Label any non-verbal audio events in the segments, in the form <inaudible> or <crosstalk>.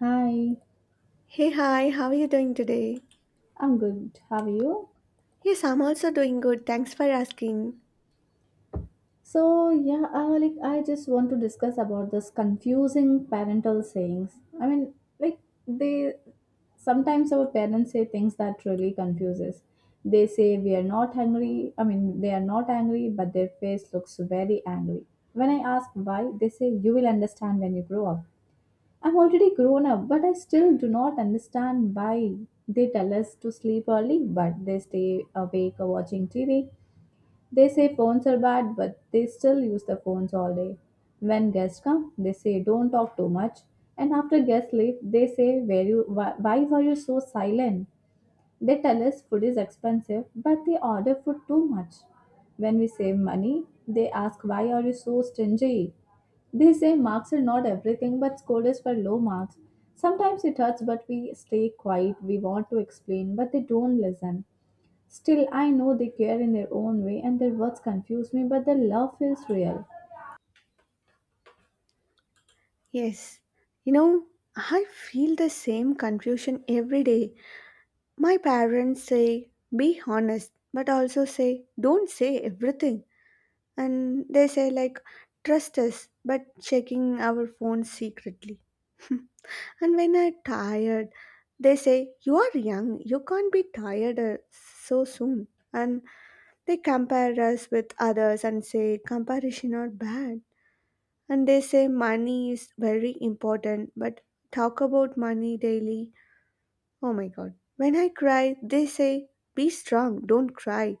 Hi, Hey, hi, how are you doing today? I'm good. How are you? Yes, I'm also doing good. Thanks for asking. So I just want to discuss about this confusing parental sayings. I mean, like they sometimes our parents say things that really confuses. They say we are not hungry. I mean, they are not angry, but their face looks very angry. When I ask why, they say you will understand when you grow up. I'm already grown up, but I still do not understand why they tell us to sleep early, but they stay awake watching TV. They say phones are bad, but they still use the phones all day. When guests come, they say don't talk too much. And after guests leave, they say why were you so silent? They tell us food is expensive, but they order food too much. When we save money, they ask why are you so stingy? They say marks are not everything, but scold us for low marks. Sometimes it hurts, but we stay quiet. We want to explain, but they don't listen. Still, I know they care in their own way, and their words confuse me, but their love feels real. Yes, you know, I feel the same confusion every day. My parents say, be honest, but also say, don't say everything. And they say, like, trust us, but checking our phones secretly. <laughs> And when I'm tired, they say, you are young, you can't be tired so soon. And they compare us with others and say comparison are bad. And they say money is very important, but talk about money daily. Oh my god. When I cry, they say be strong, don't cry.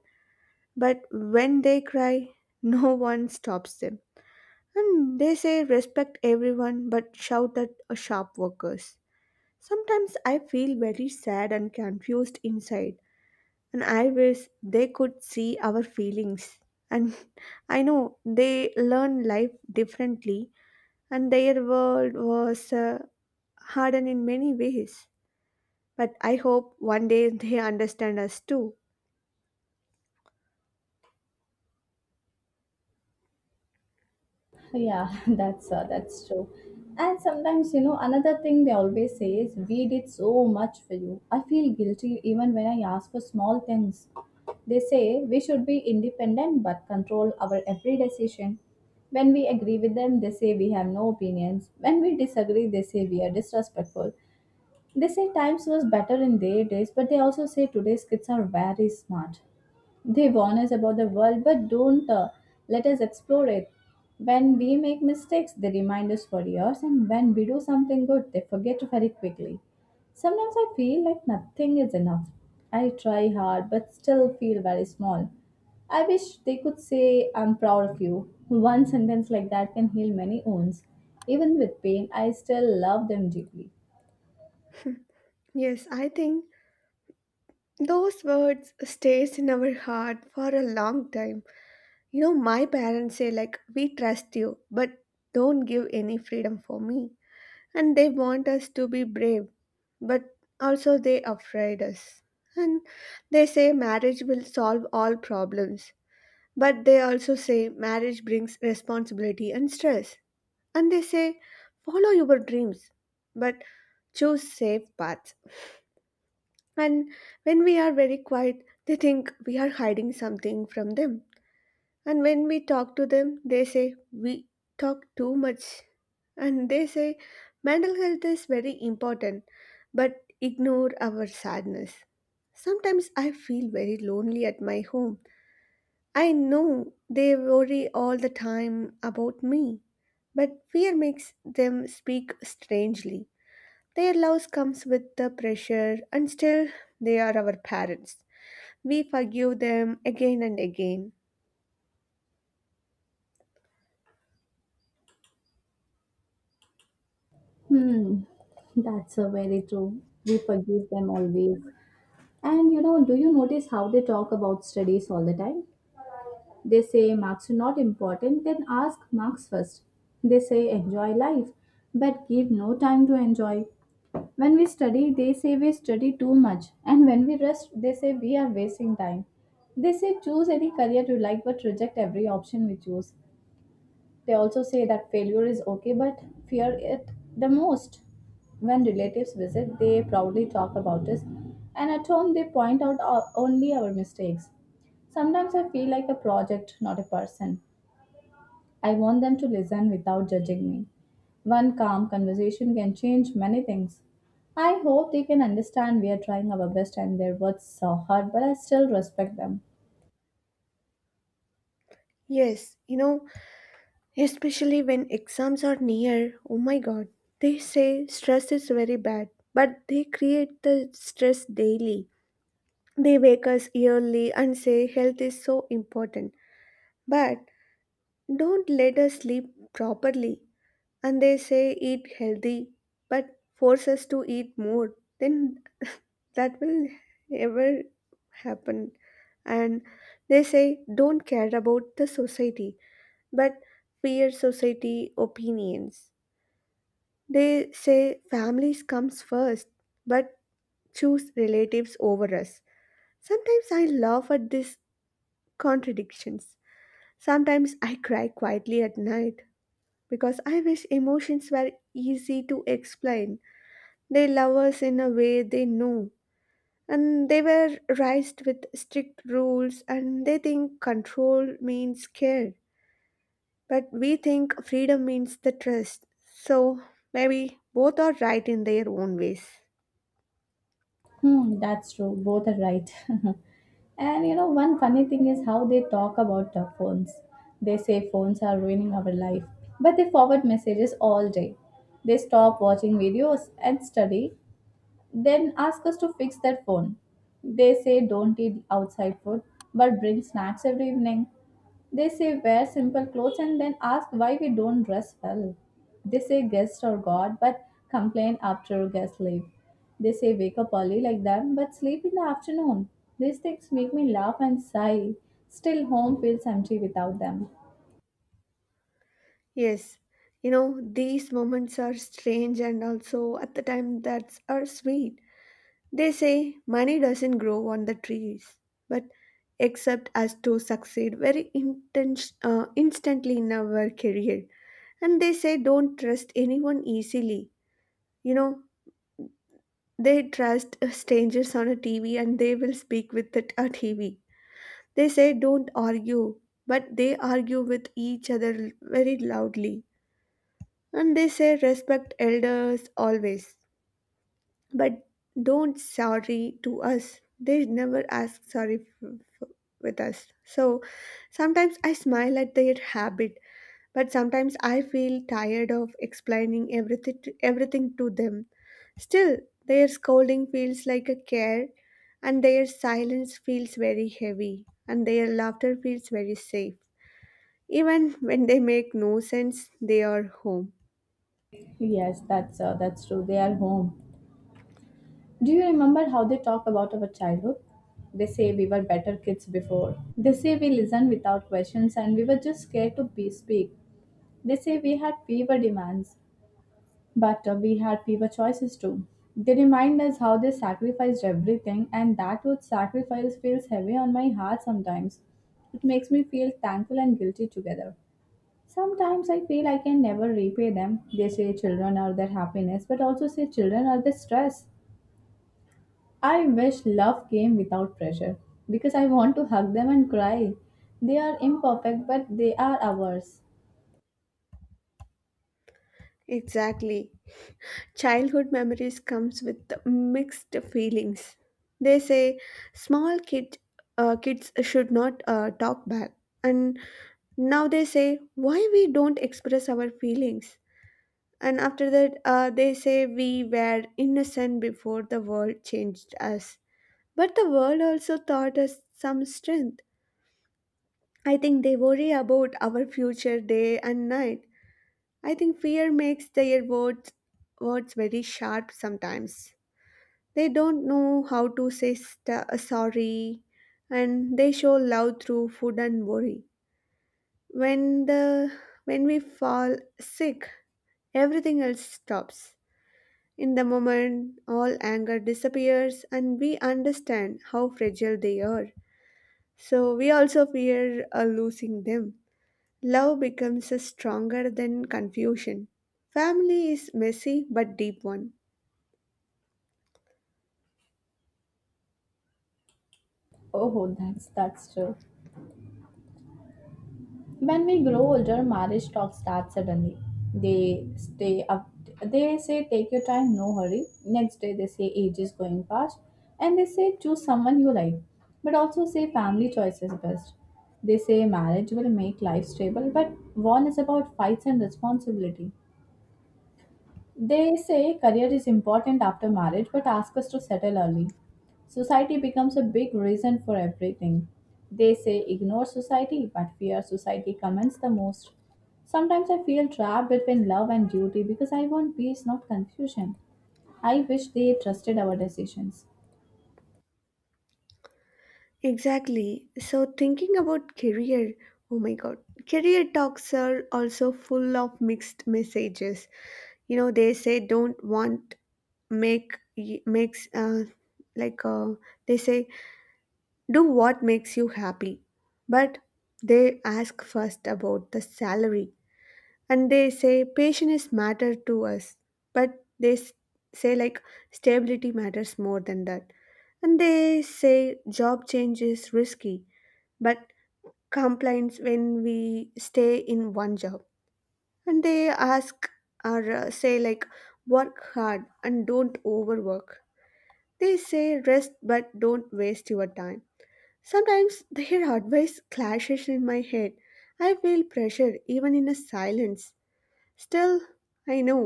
But when they cry, <laughs> no one stops them. And they say respect everyone but shout at shop workers. Sometimes I feel very sad and confused inside, and I wish they could see our feelings. And <laughs> I know they learn life differently, and their world was hardened in many ways. But I hope one day they understand us too. Yeah, <laughs> that's true. And sometimes, you know, another thing they always say is, "We did so much for you." I feel guilty even when I ask for small things. They say we should be independent but control our every decision. When we agree with them, they say we have no opinions. When we disagree, they say we are disrespectful. They say times was better in their days, but they also say today's kids are very smart. They warn us about the world but don't let us explore it. When we make mistakes, they remind us for years, and when we do something good, they forget very quickly. Sometimes I feel like nothing is enough. I try hard but still feel very small. I wish they could say, I'm proud of you. <laughs> One sentence like that can heal many wounds. Even with pain, I still love them deeply. Yes, I think those words stays in our heart for a long time. You know, my parents say like, "We trust you, but don't give any freedom for me." And they want us to be brave but also they afraid us, and they say marriage will solve all problems but they also say marriage brings responsibility and stress. And they say follow your dreams but choose safe paths. And when we are very quiet they think we are hiding something from them, and when we talk to them, they say we talk too much. And they say mental health is very important, but ignore our sadness. Sometimes I feel very lonely at my home. I know they worry all the time about me, but fear makes them speak strangely. Their love comes with the pressure, and still they are our parents. We forgive them again and again. Hmm, that's a very true. We forgive them always. And you know, do you notice how they talk about studies all the time? They say marks are not important, then ask marks first. They say enjoy life, but give no time to enjoy. When we study, they say we study too much, and when we rest, they say we are wasting time. They say choose any career you like but reject every option we choose. They also say that failure is okay but fear it the most. When relatives visit, they proudly talk about us, and at home, they point out only our mistakes. Sometimes I feel like a project, not a person. I want them to listen without judging me. One calm conversation can change many things. I hope they can understand we are trying our best and their words are hard, but I still respect them. Yes, you know, especially when exams are near, oh my god, they say stress is very bad, but they create the stress daily. They wake us early and say health is so important, but don't let us sleep properly. And they say eat healthy, but force us to eat more. Then <laughs> that will ever happen. And they say don't care about the society, but fear society opinions. They say families comes first, but choose relatives over us. Sometimes I laugh at these contradictions. Sometimes I cry quietly at night because I wish emotions were easy to explain. They love us in a way they know, and they were raised with strict rules, and they think control means care, but we think freedom means the trust. So maybe both are right in their own ways. Hmm, that's true. Both are right. <laughs> And you know, one funny thing is how they talk about phones. They say phones are ruining our life, but they forward messages all day. They stop watching videos and study then ask us to fix their phone. They say don't eat outside food but bring snacks every evening. They say wear simple clothes and then ask why we don't dress well. They say guest or God but complain after guests leave. They say wake up early like them but sleep in the afternoon. These things make me laugh and sigh. Still, home feels empty without them. Yes, you know, these moments are strange and also at the time that are sweet. They say money doesn't grow on the trees, but except as to succeed instantly in our career. And they say don't trust anyone easily. You know, they trust strangers on a TV and they will speak with it a TV. They say don't argue, but they argue with each other very loudly. And they say respect elders always, but don't sorry to us. They never ask sorry f- with us. So sometimes I smile at their habit, but sometimes I feel tired of explaining everything to them. Still, their scolding feels like a care, and their silence feels very heavy, and their laughter feels very safe. Even when they make no sense, they are home. Yes, that's true. They are home. Do you remember how they talk about our childhood? They say we were better kids before. They say we listened without questions and we were just scared to be speak. They say we had fewer demands, but we had fewer choices too. They remind us how they sacrificed everything, and that word sacrifice feels heavy on my heart sometimes. It makes me feel thankful and guilty together. Sometimes I feel I can never repay them. They say children are their happiness, but also say children are their stress. I wish love came without pressure because I want to hug them and cry. They are imperfect, but they are ours. Exactly. Childhood memories comes with mixed feelings. They say small kid kids should not talk back, and now they say why we don't express our feelings. And after that, they say we were innocent before the world changed us. But the world also taught us some strength. I think they worry about our future day and night. I think fear makes their words very sharp sometimes. They don't know how to say sorry, and they show love through food and worry. When the when we fall sick, everything else stops. In the moment, all anger disappears and we understand how fragile they are. So we also fear losing them. Love becomes stronger than confusion. Family is messy but deep one. Oh, that's true. When we grow older, marriage talk starts suddenly. They stay up. They say, "Take your time, no hurry." Next day, they say, "Age is going fast," and they say, "Choose someone you like," but also say, "Family choice is best." They say, "Marriage will make life stable," but one is about fights and responsibility. They say career is important after marriage but ask us to settle early. Society becomes a big reason for everything. They say ignore society but fear society comments the most. Sometimes I feel trapped between love and duty because I want peace, not confusion. I wish they trusted our decisions. Exactly. So, thinking about career, oh my God, career talks are also full of mixed messages. You know, they say don't want make y- makes like they say do what makes you happy, but they ask first about the salary, and they say patience matter to us, but say like stability matters more than that, and they say job change is risky. But complaints when we stay in one job, and they ask or say like work hard and don't overwork. They say rest but don't waste your time. Sometimes their <laughs> advice clashes in my head. I feel pressure even in a silence. Still, I know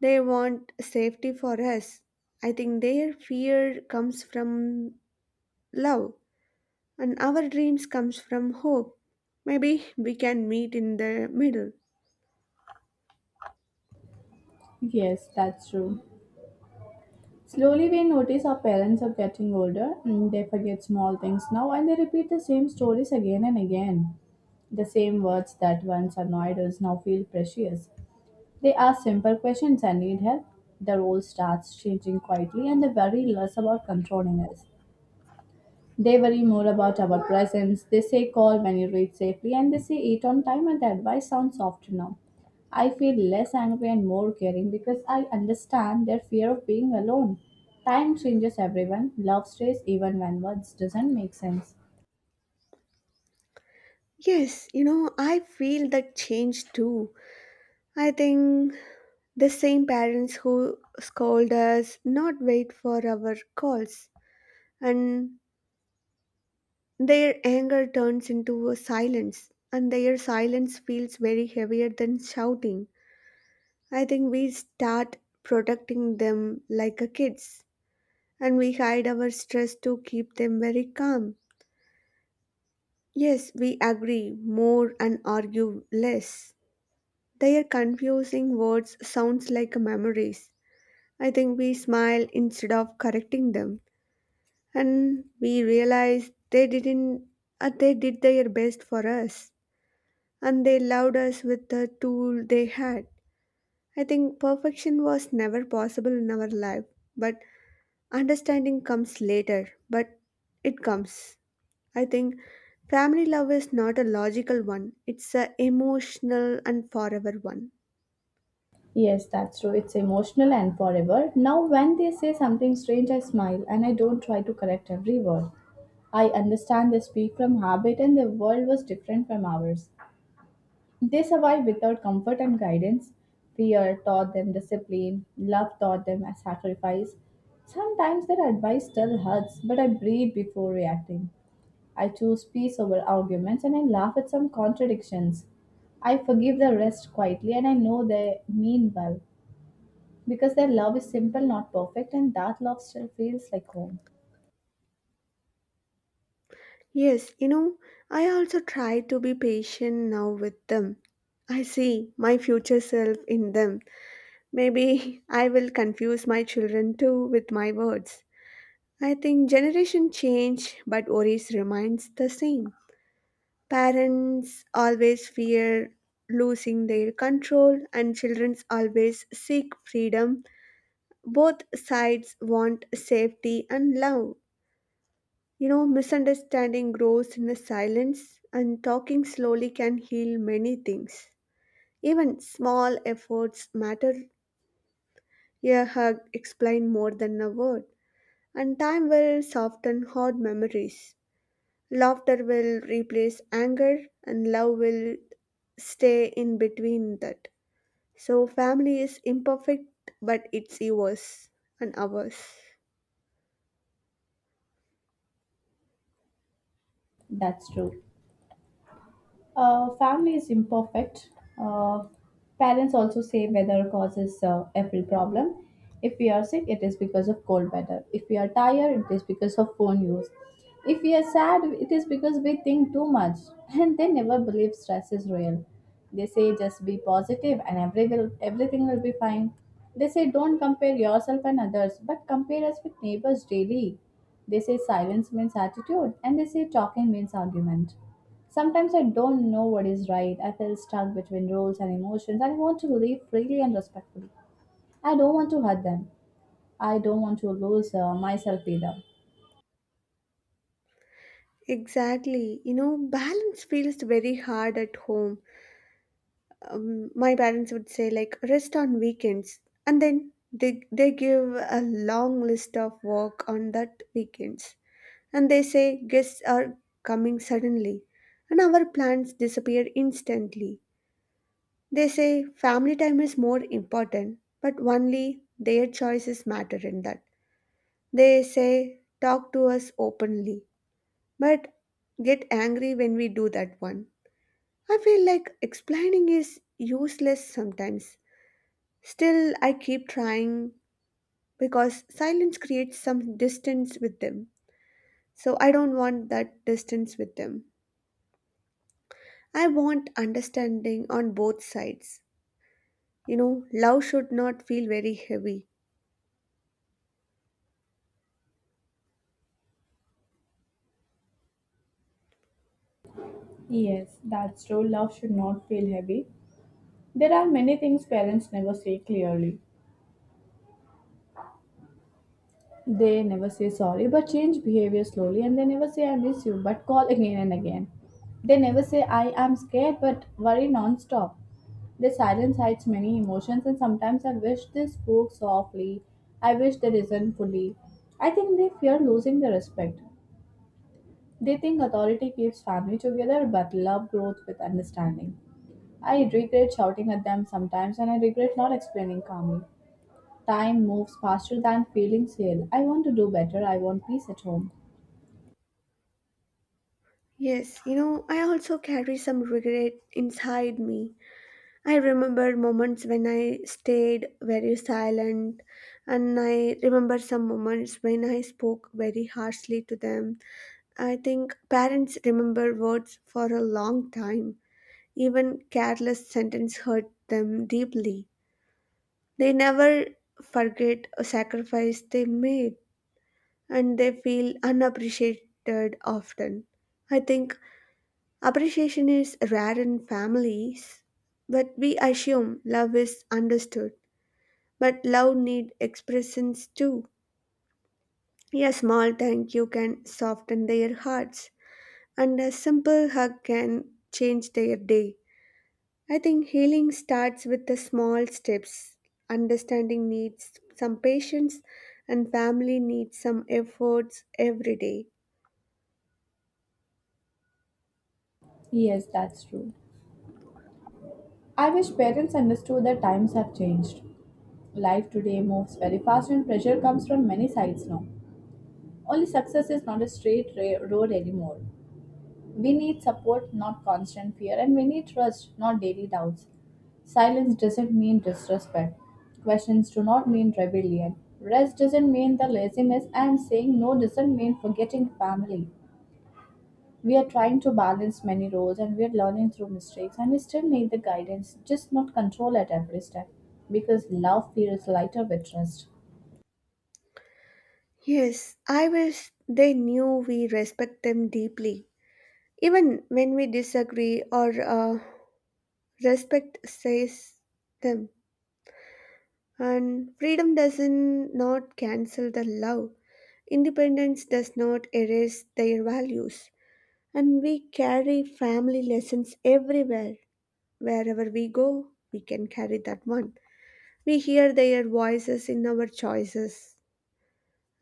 they want safety for us. I think their fear comes from love, and our dreams comes from hope. Maybe we can meet in the middle. Yes, that's true. Slowly, we notice our parents are getting older, and they forget small things now and they repeat the same stories again and again. The same words that once annoyed us now feel precious. They ask simple questions and need help. The role starts changing quietly, and they worry less about controlling us. They worry more about our presence. They say call when you reach safely and they say eat on time and the advice sounds soft now. I feel less angry and more caring because I understand their fear of being alone. Time changes everyone. Love stays even when words doesn't make sense. Yes, you know, I feel that change too. I think the same parents who scold us not wait for our calls, and their anger turns into a silence, and their silence feels very heavier than shouting. I think we start protecting them like a kids, and we hide our stress to keep them very calm. Yes, we agree more and argue less. Their confusing words sounds like memories. I think we smile instead of correcting them, and we realize they didn't. They did their best for us, and they loved us with the tool they had. I think perfection was never possible in our life, but understanding comes later. But it comes. I think family love is not a logical one; it's a emotional and forever one. Yes, that's true. It's emotional and forever. Now when they say something strange I smile and I don't try to correct every word. I understand they speak from habit and their world was different from ours. They survive without comfort and guidance. Fear taught them discipline, love taught them a sacrifice. Sometimes their advice still hurts, but I breathe before reacting. I choose peace over arguments and I laugh at some contradictions. I forgive the rest quietly and I know they mean well because their love is simple, not perfect, and that love still feels like home. Yes, you know, I also try to be patient now with them. I see my future self in them. Maybe <laughs> I will confuse my children too with my words. I think generation change but worries remains the same. Parents always fear losing their control and children always seek freedom. Both sides want safety and love. You know, misunderstanding grows in the silence, and talking slowly can heal many things. Even small efforts matter. A hug explain more than a word, and time will soften hard memories. Laughter will replace anger, and love will stay in between that. So, family is imperfect, but it's yours and ours. That's true. Family is imperfect. Uh, Parents also say weather causes every problem. If we are sick, it is because of cold weather. If we are tired, it is because of phone use. If we are sad, it is because we think too much. <laughs> And they never believe stress is real. They say just be positive and everything will be fine. They say don't compare yourself and others, but compare us with neighbors daily. They say silence means attitude, and they say talking means argument. Sometimes I don't know what is right. I feel stuck between roles and emotions. And I want to live freely and respectfully. I don't want to hurt them. I don't want to lose myself either. Exactly. You know, balance feels very hard at home. My parents would say like rest on weekends, and then they give a long list of work on that weekends. And they say guests are coming suddenly, and our plans disappear instantly. They say family time is more important but only their choices matter in that. They say talk to us openly, but get angry when we do that one. I feel like explaining is useless sometimes. Still, I keep trying because silence creates some distance with them. So I don't want that distance with them. I want understanding on both sides. You know, love should not feel very heavy. Yes, that's true. Love should not feel heavy. There are many things parents never say clearly. They never say sorry but change behavior slowly and they never say I miss you but call again and again. They never say I am scared but worry non stop. The silence hides many emotions, and sometimes I wish they spoke softly. I wish they listened fully. I think they fear losing their respect. They think authority keeps family together, but love grows with understanding. I regret shouting at them sometimes, and I regret not explaining calmly. Time moves faster than feelings heal. I want to do better. I want peace at home. Yes, you know, I also carry some regret inside me. I remember moments when I stayed very silent, and I remember some moments when I spoke very harshly to them. I think parents remember words for a long time. Even careless sentence hurt them deeply. They never forget a sacrifice they made, and they feel unappreciated often. I think appreciation is rare in families, but we assume love is understood. But love need expressions too. A small thank you can soften their hearts, and a simple hug can change their day. I think healing starts with the small steps. Understanding needs some patience, and family needs some efforts every day. Yes, that's true. I wish parents understood that times have changed. Life today moves very fast, and pressure comes from many sides now. Only success is not a road anymore. We need support, not constant fear, and we need trust, not daily doubts. Silence doesn't mean disrespect. Questions do not mean rebellion. Rest doesn't mean the laziness, and saying no doesn't mean forgetting family. We are trying to balance many roles and we are learning through mistakes, and we still need the guidance, just not control at every step, because love feels lighter with trust. Yes, I wish they knew we respect them deeply. Even when we disagree, or respect says them. And freedom doesn't not cancel the love. Independence does not erase their values. And we carry family lessons everywhere. Wherever we go, we can carry that one. We hear their voices in our choices,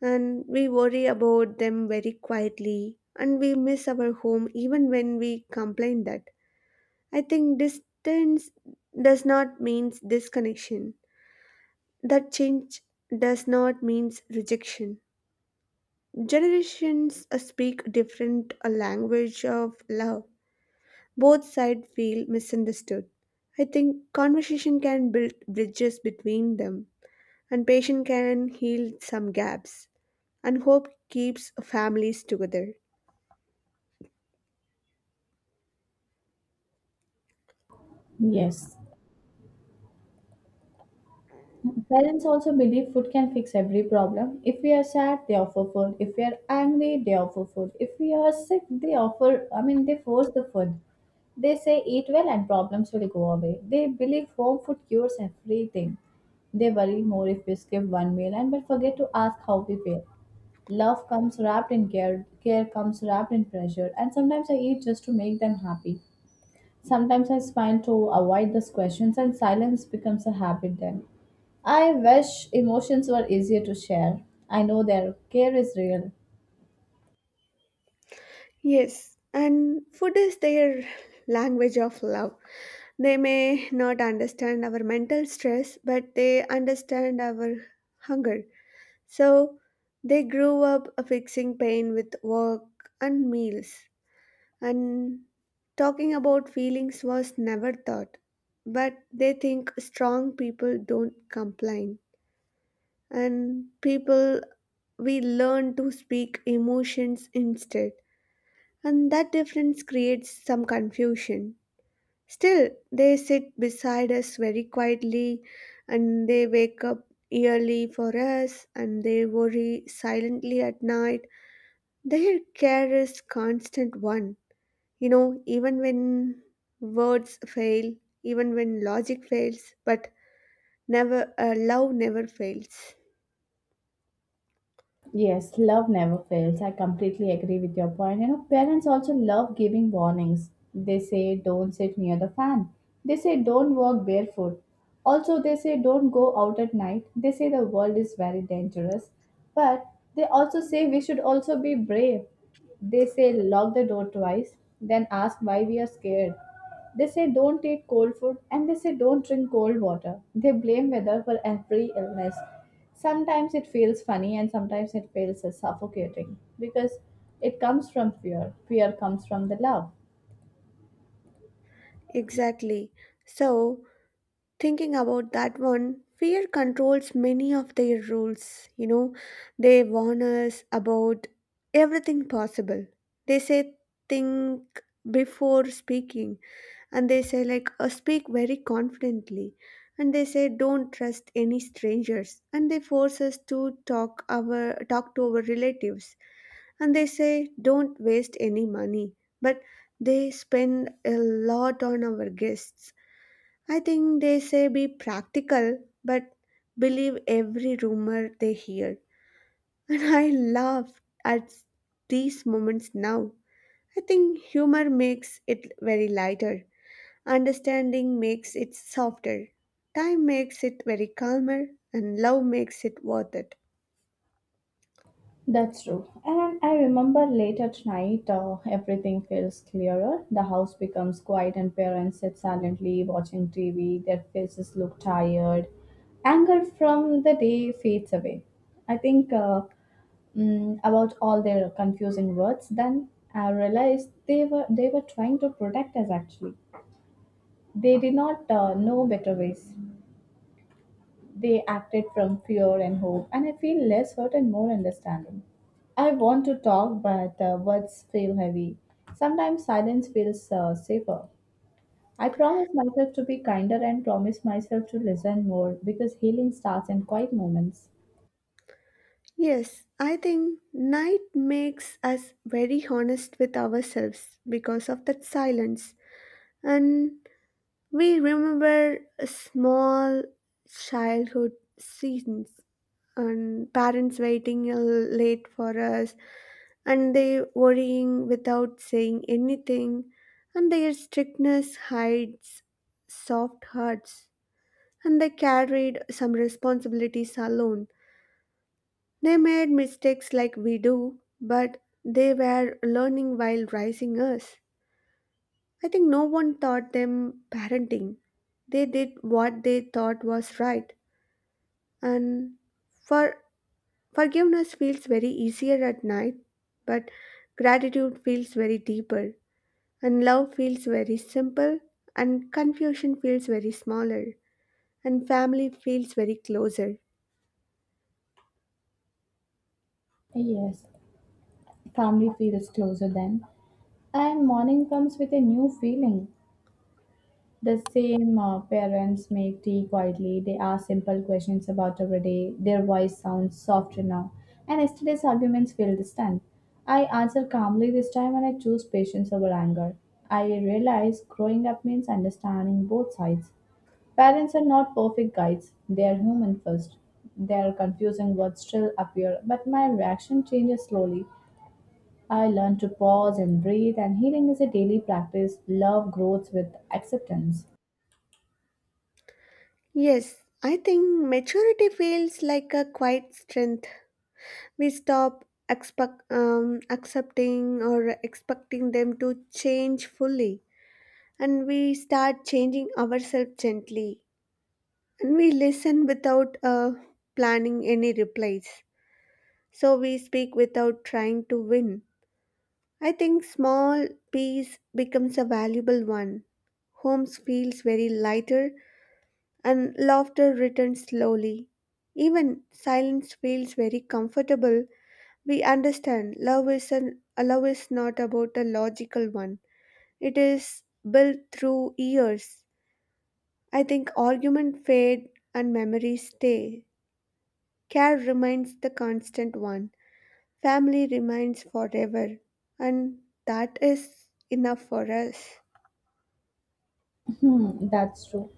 and we worry about them very quietly, and we miss our home even when we complain that. I think distance does not mean disconnection. That change does not mean rejection. Generations speak different language of love. Both sides feel misunderstood. I think conversation can build bridges between them. And patience can heal some gaps, and hope keeps families together. Yes, parents also believe food can fix every problem. If we are sad, they offer food. If we are angry, they offer food. If we are sick, they offer, I mean, they force the food. They say eat well and problems will go away. They believe home food cures everything. They worry more if we skip one meal and will forget to ask how we feel. Love comes wrapped in care, care comes wrapped in pressure, and sometimes I eat just to make them happy. Sometimes I smile to avoid those questions, and silence becomes a habit then. I wish emotions were easier to share. I know their care is real. Yes, and food is their language of love. They may not understand our mental stress, but they understand our hunger. So they grew up fixing pain with work and meals, and talking about feelings was never thought, but they think strong people don't complain. And people, we learn to speak emotions instead, and that difference creates some confusion. Still, they sit beside us very quietly, and they wake up early for us, and they worry silently at night. Their care is constant one, you know even when words fail, even when logic fails, but never love never fails. Yes, love never fails. I completely agree with your point. You know, parents also love giving warnings. They say, don't sit near the fan. They say, don't walk barefoot. Also, they say, don't go out at night. They say the world is very dangerous. But they also say we should also be brave. They say, lock the door twice, then ask why we are scared. They say don't eat cold food and they say don't drink cold water. They blame weather for every illness. Sometimes it feels funny and sometimes it feels suffocating because it comes from fear. Fear comes from the love. Exactly. So thinking about that one, fear controls many of their rules. You know, they warn us about everything possible. They say, think before speaking, and they say, speak very confidently. And they say, don't trust any strangers. And they force us to talk our talk to our relatives. And they say, don't waste any money. But they spend a lot on our guests. I think they say be practical, but believe every rumor they hear. <laughs> And I laugh at these moments now. I think humor makes it very lighter, understanding makes it softer, time makes it very calmer, and love makes it worth it. That's true. And I remember late at night, everything feels clearer. The house becomes quiet, and parents sit silently watching TV. Their faces look tired. Anger from the day fades away. I think about all their confusing words. Then I realized they were trying to protect us. Actually, they did not know better ways. They acted from fear and hope, and I feel less hurt and more understanding. I want to talk, but words feel heavy. Sometimes silence feels safer. I promise myself to be kinder and promise myself to listen more because healing starts in quiet moments. Yes, I think night makes us very honest with ourselves because of that silence. And we remember small childhood scenes, and parents waiting late for us, and they worrying without saying anything, and their strictness hides soft hearts, and they carried some responsibilities alone. They made mistakes like we do, but they were learning while raising us. I think no one taught them parenting. They did what they thought was right. And for forgiveness feels very easier at night, but gratitude feels very deeper, and love feels very simple, and confusion feels very smaller, and family feels very closer. Yes, family feels closer then, and morning comes with a new feeling. The same parents make tea quietly. They ask simple questions about everyday. Their voice sounds softer now. And yesterday's arguments feel distant. I answer calmly this time and I choose patience over anger. I realize growing up means understanding both sides. Parents are not perfect guides, they are human first. Their confusing words still appear, but my reaction changes slowly. I learn to pause and breathe, and healing is a daily practice. Love grows with acceptance. Yes, I think maturity feels like a quiet strength. We stop accepting or expecting them to change fully, and we start changing ourselves gently. And we listen without planning any replies. So we speak without trying to win. I think small peace becomes a valuable one. Homes feels very lighter and laughter returns slowly. Even silence feels very comfortable. We understand love is not about a logical one. It is built through years. I think argument fade and memories stay. Care remains the constant one, family remains forever, and that is enough for us. Hmm, that's true.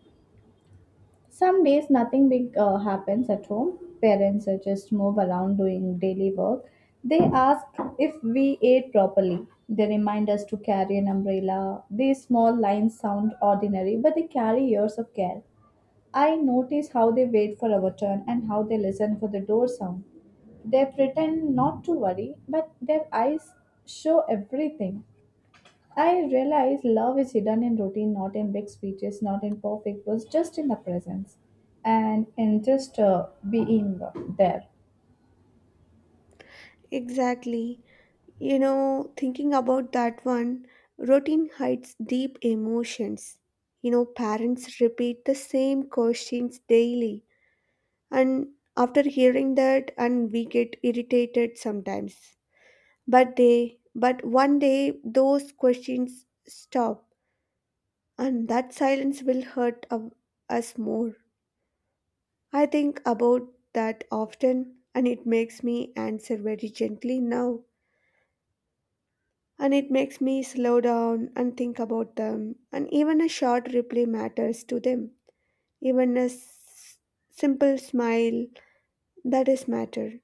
Some days nothing big happens at home. Parents are just move around doing daily work. They ask if we ate properly. They remind us to carry an umbrella. These small lines sound ordinary, but they carry years of care. I notice how they wait for our turn and how they listen for the door sound. They pretend not to worry, but their eyes show everything. I realize love is hidden in routine, not in big speeches, not in perfect words, just in the presence and in just being there. Exactly. You know, thinking about that one, routine hides deep emotions. You know, parents repeat the same questions daily, and after hearing that, and we get irritated sometimes. But one day, those questions stop, and that silence will hurt us more. I think about that often, and it makes me answer very gently now. And it makes me slow down and think about them. And even a short reply matters to them. Even a simple smile, that is matter.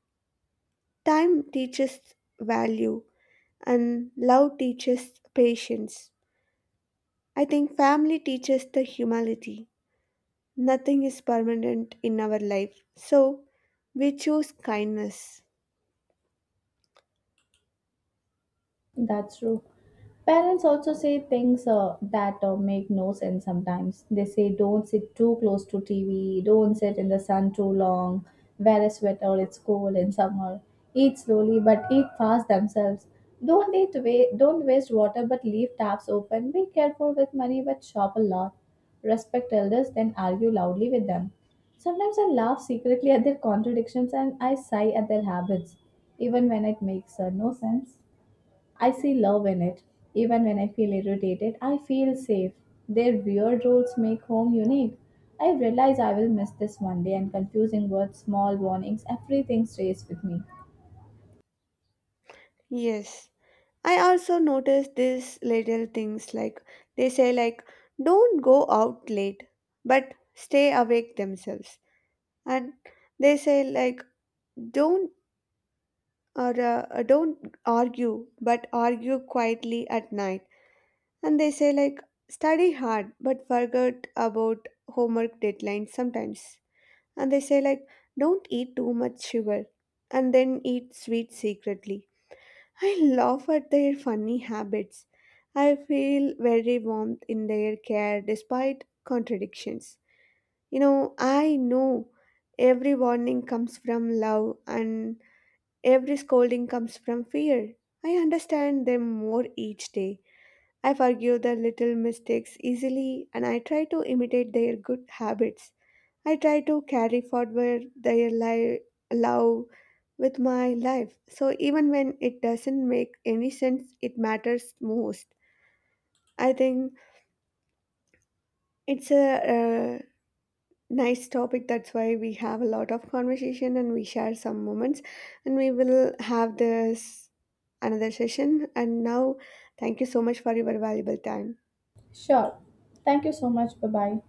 Time teaches value, and love teaches patience. I think family teaches the humility. Nothing is permanent in our life, so we choose kindness. That's true. Parents also say things that make no sense sometimes. They say, don't sit too close to TV, don't sit in the sun too long, wear a sweater, it's cold in summer, eat slowly but eat fast themselves. Don't eat wa- Don't waste water but leave taps open. Be careful with money but shop a lot. Respect elders, then argue loudly with them. Sometimes I laugh secretly at their contradictions and I sigh at their habits, even when it makes no sense. I see love in it. Even when I feel irritated, I feel safe. Their weird rules make home unique. I realize I will miss this one day and confusing words, small warnings, everything stays with me. Yes. I also notice these little things, like they say like don't go out late but stay awake themselves, and they say like don't don't argue but argue quietly at night, and they say like study hard but forget about homework deadlines sometimes, and they say like don't eat too much sugar and then eat sweet secretly. I laugh at their funny habits. I feel very warmth in their care despite contradictions. You know, I know every warning comes from love and every scolding comes from fear. I understand them more each day. I forgive their little mistakes easily and I try to imitate their good habits. I try to carry forward love with my life. So even when it doesn't make any sense, it matters most. I think it's a, uh nice topic. That's why we have a lot of conversation and we share some moments. And we will have this another session. And now, thank you so much for your valuable time. Sure. Thank you so much. Bye bye.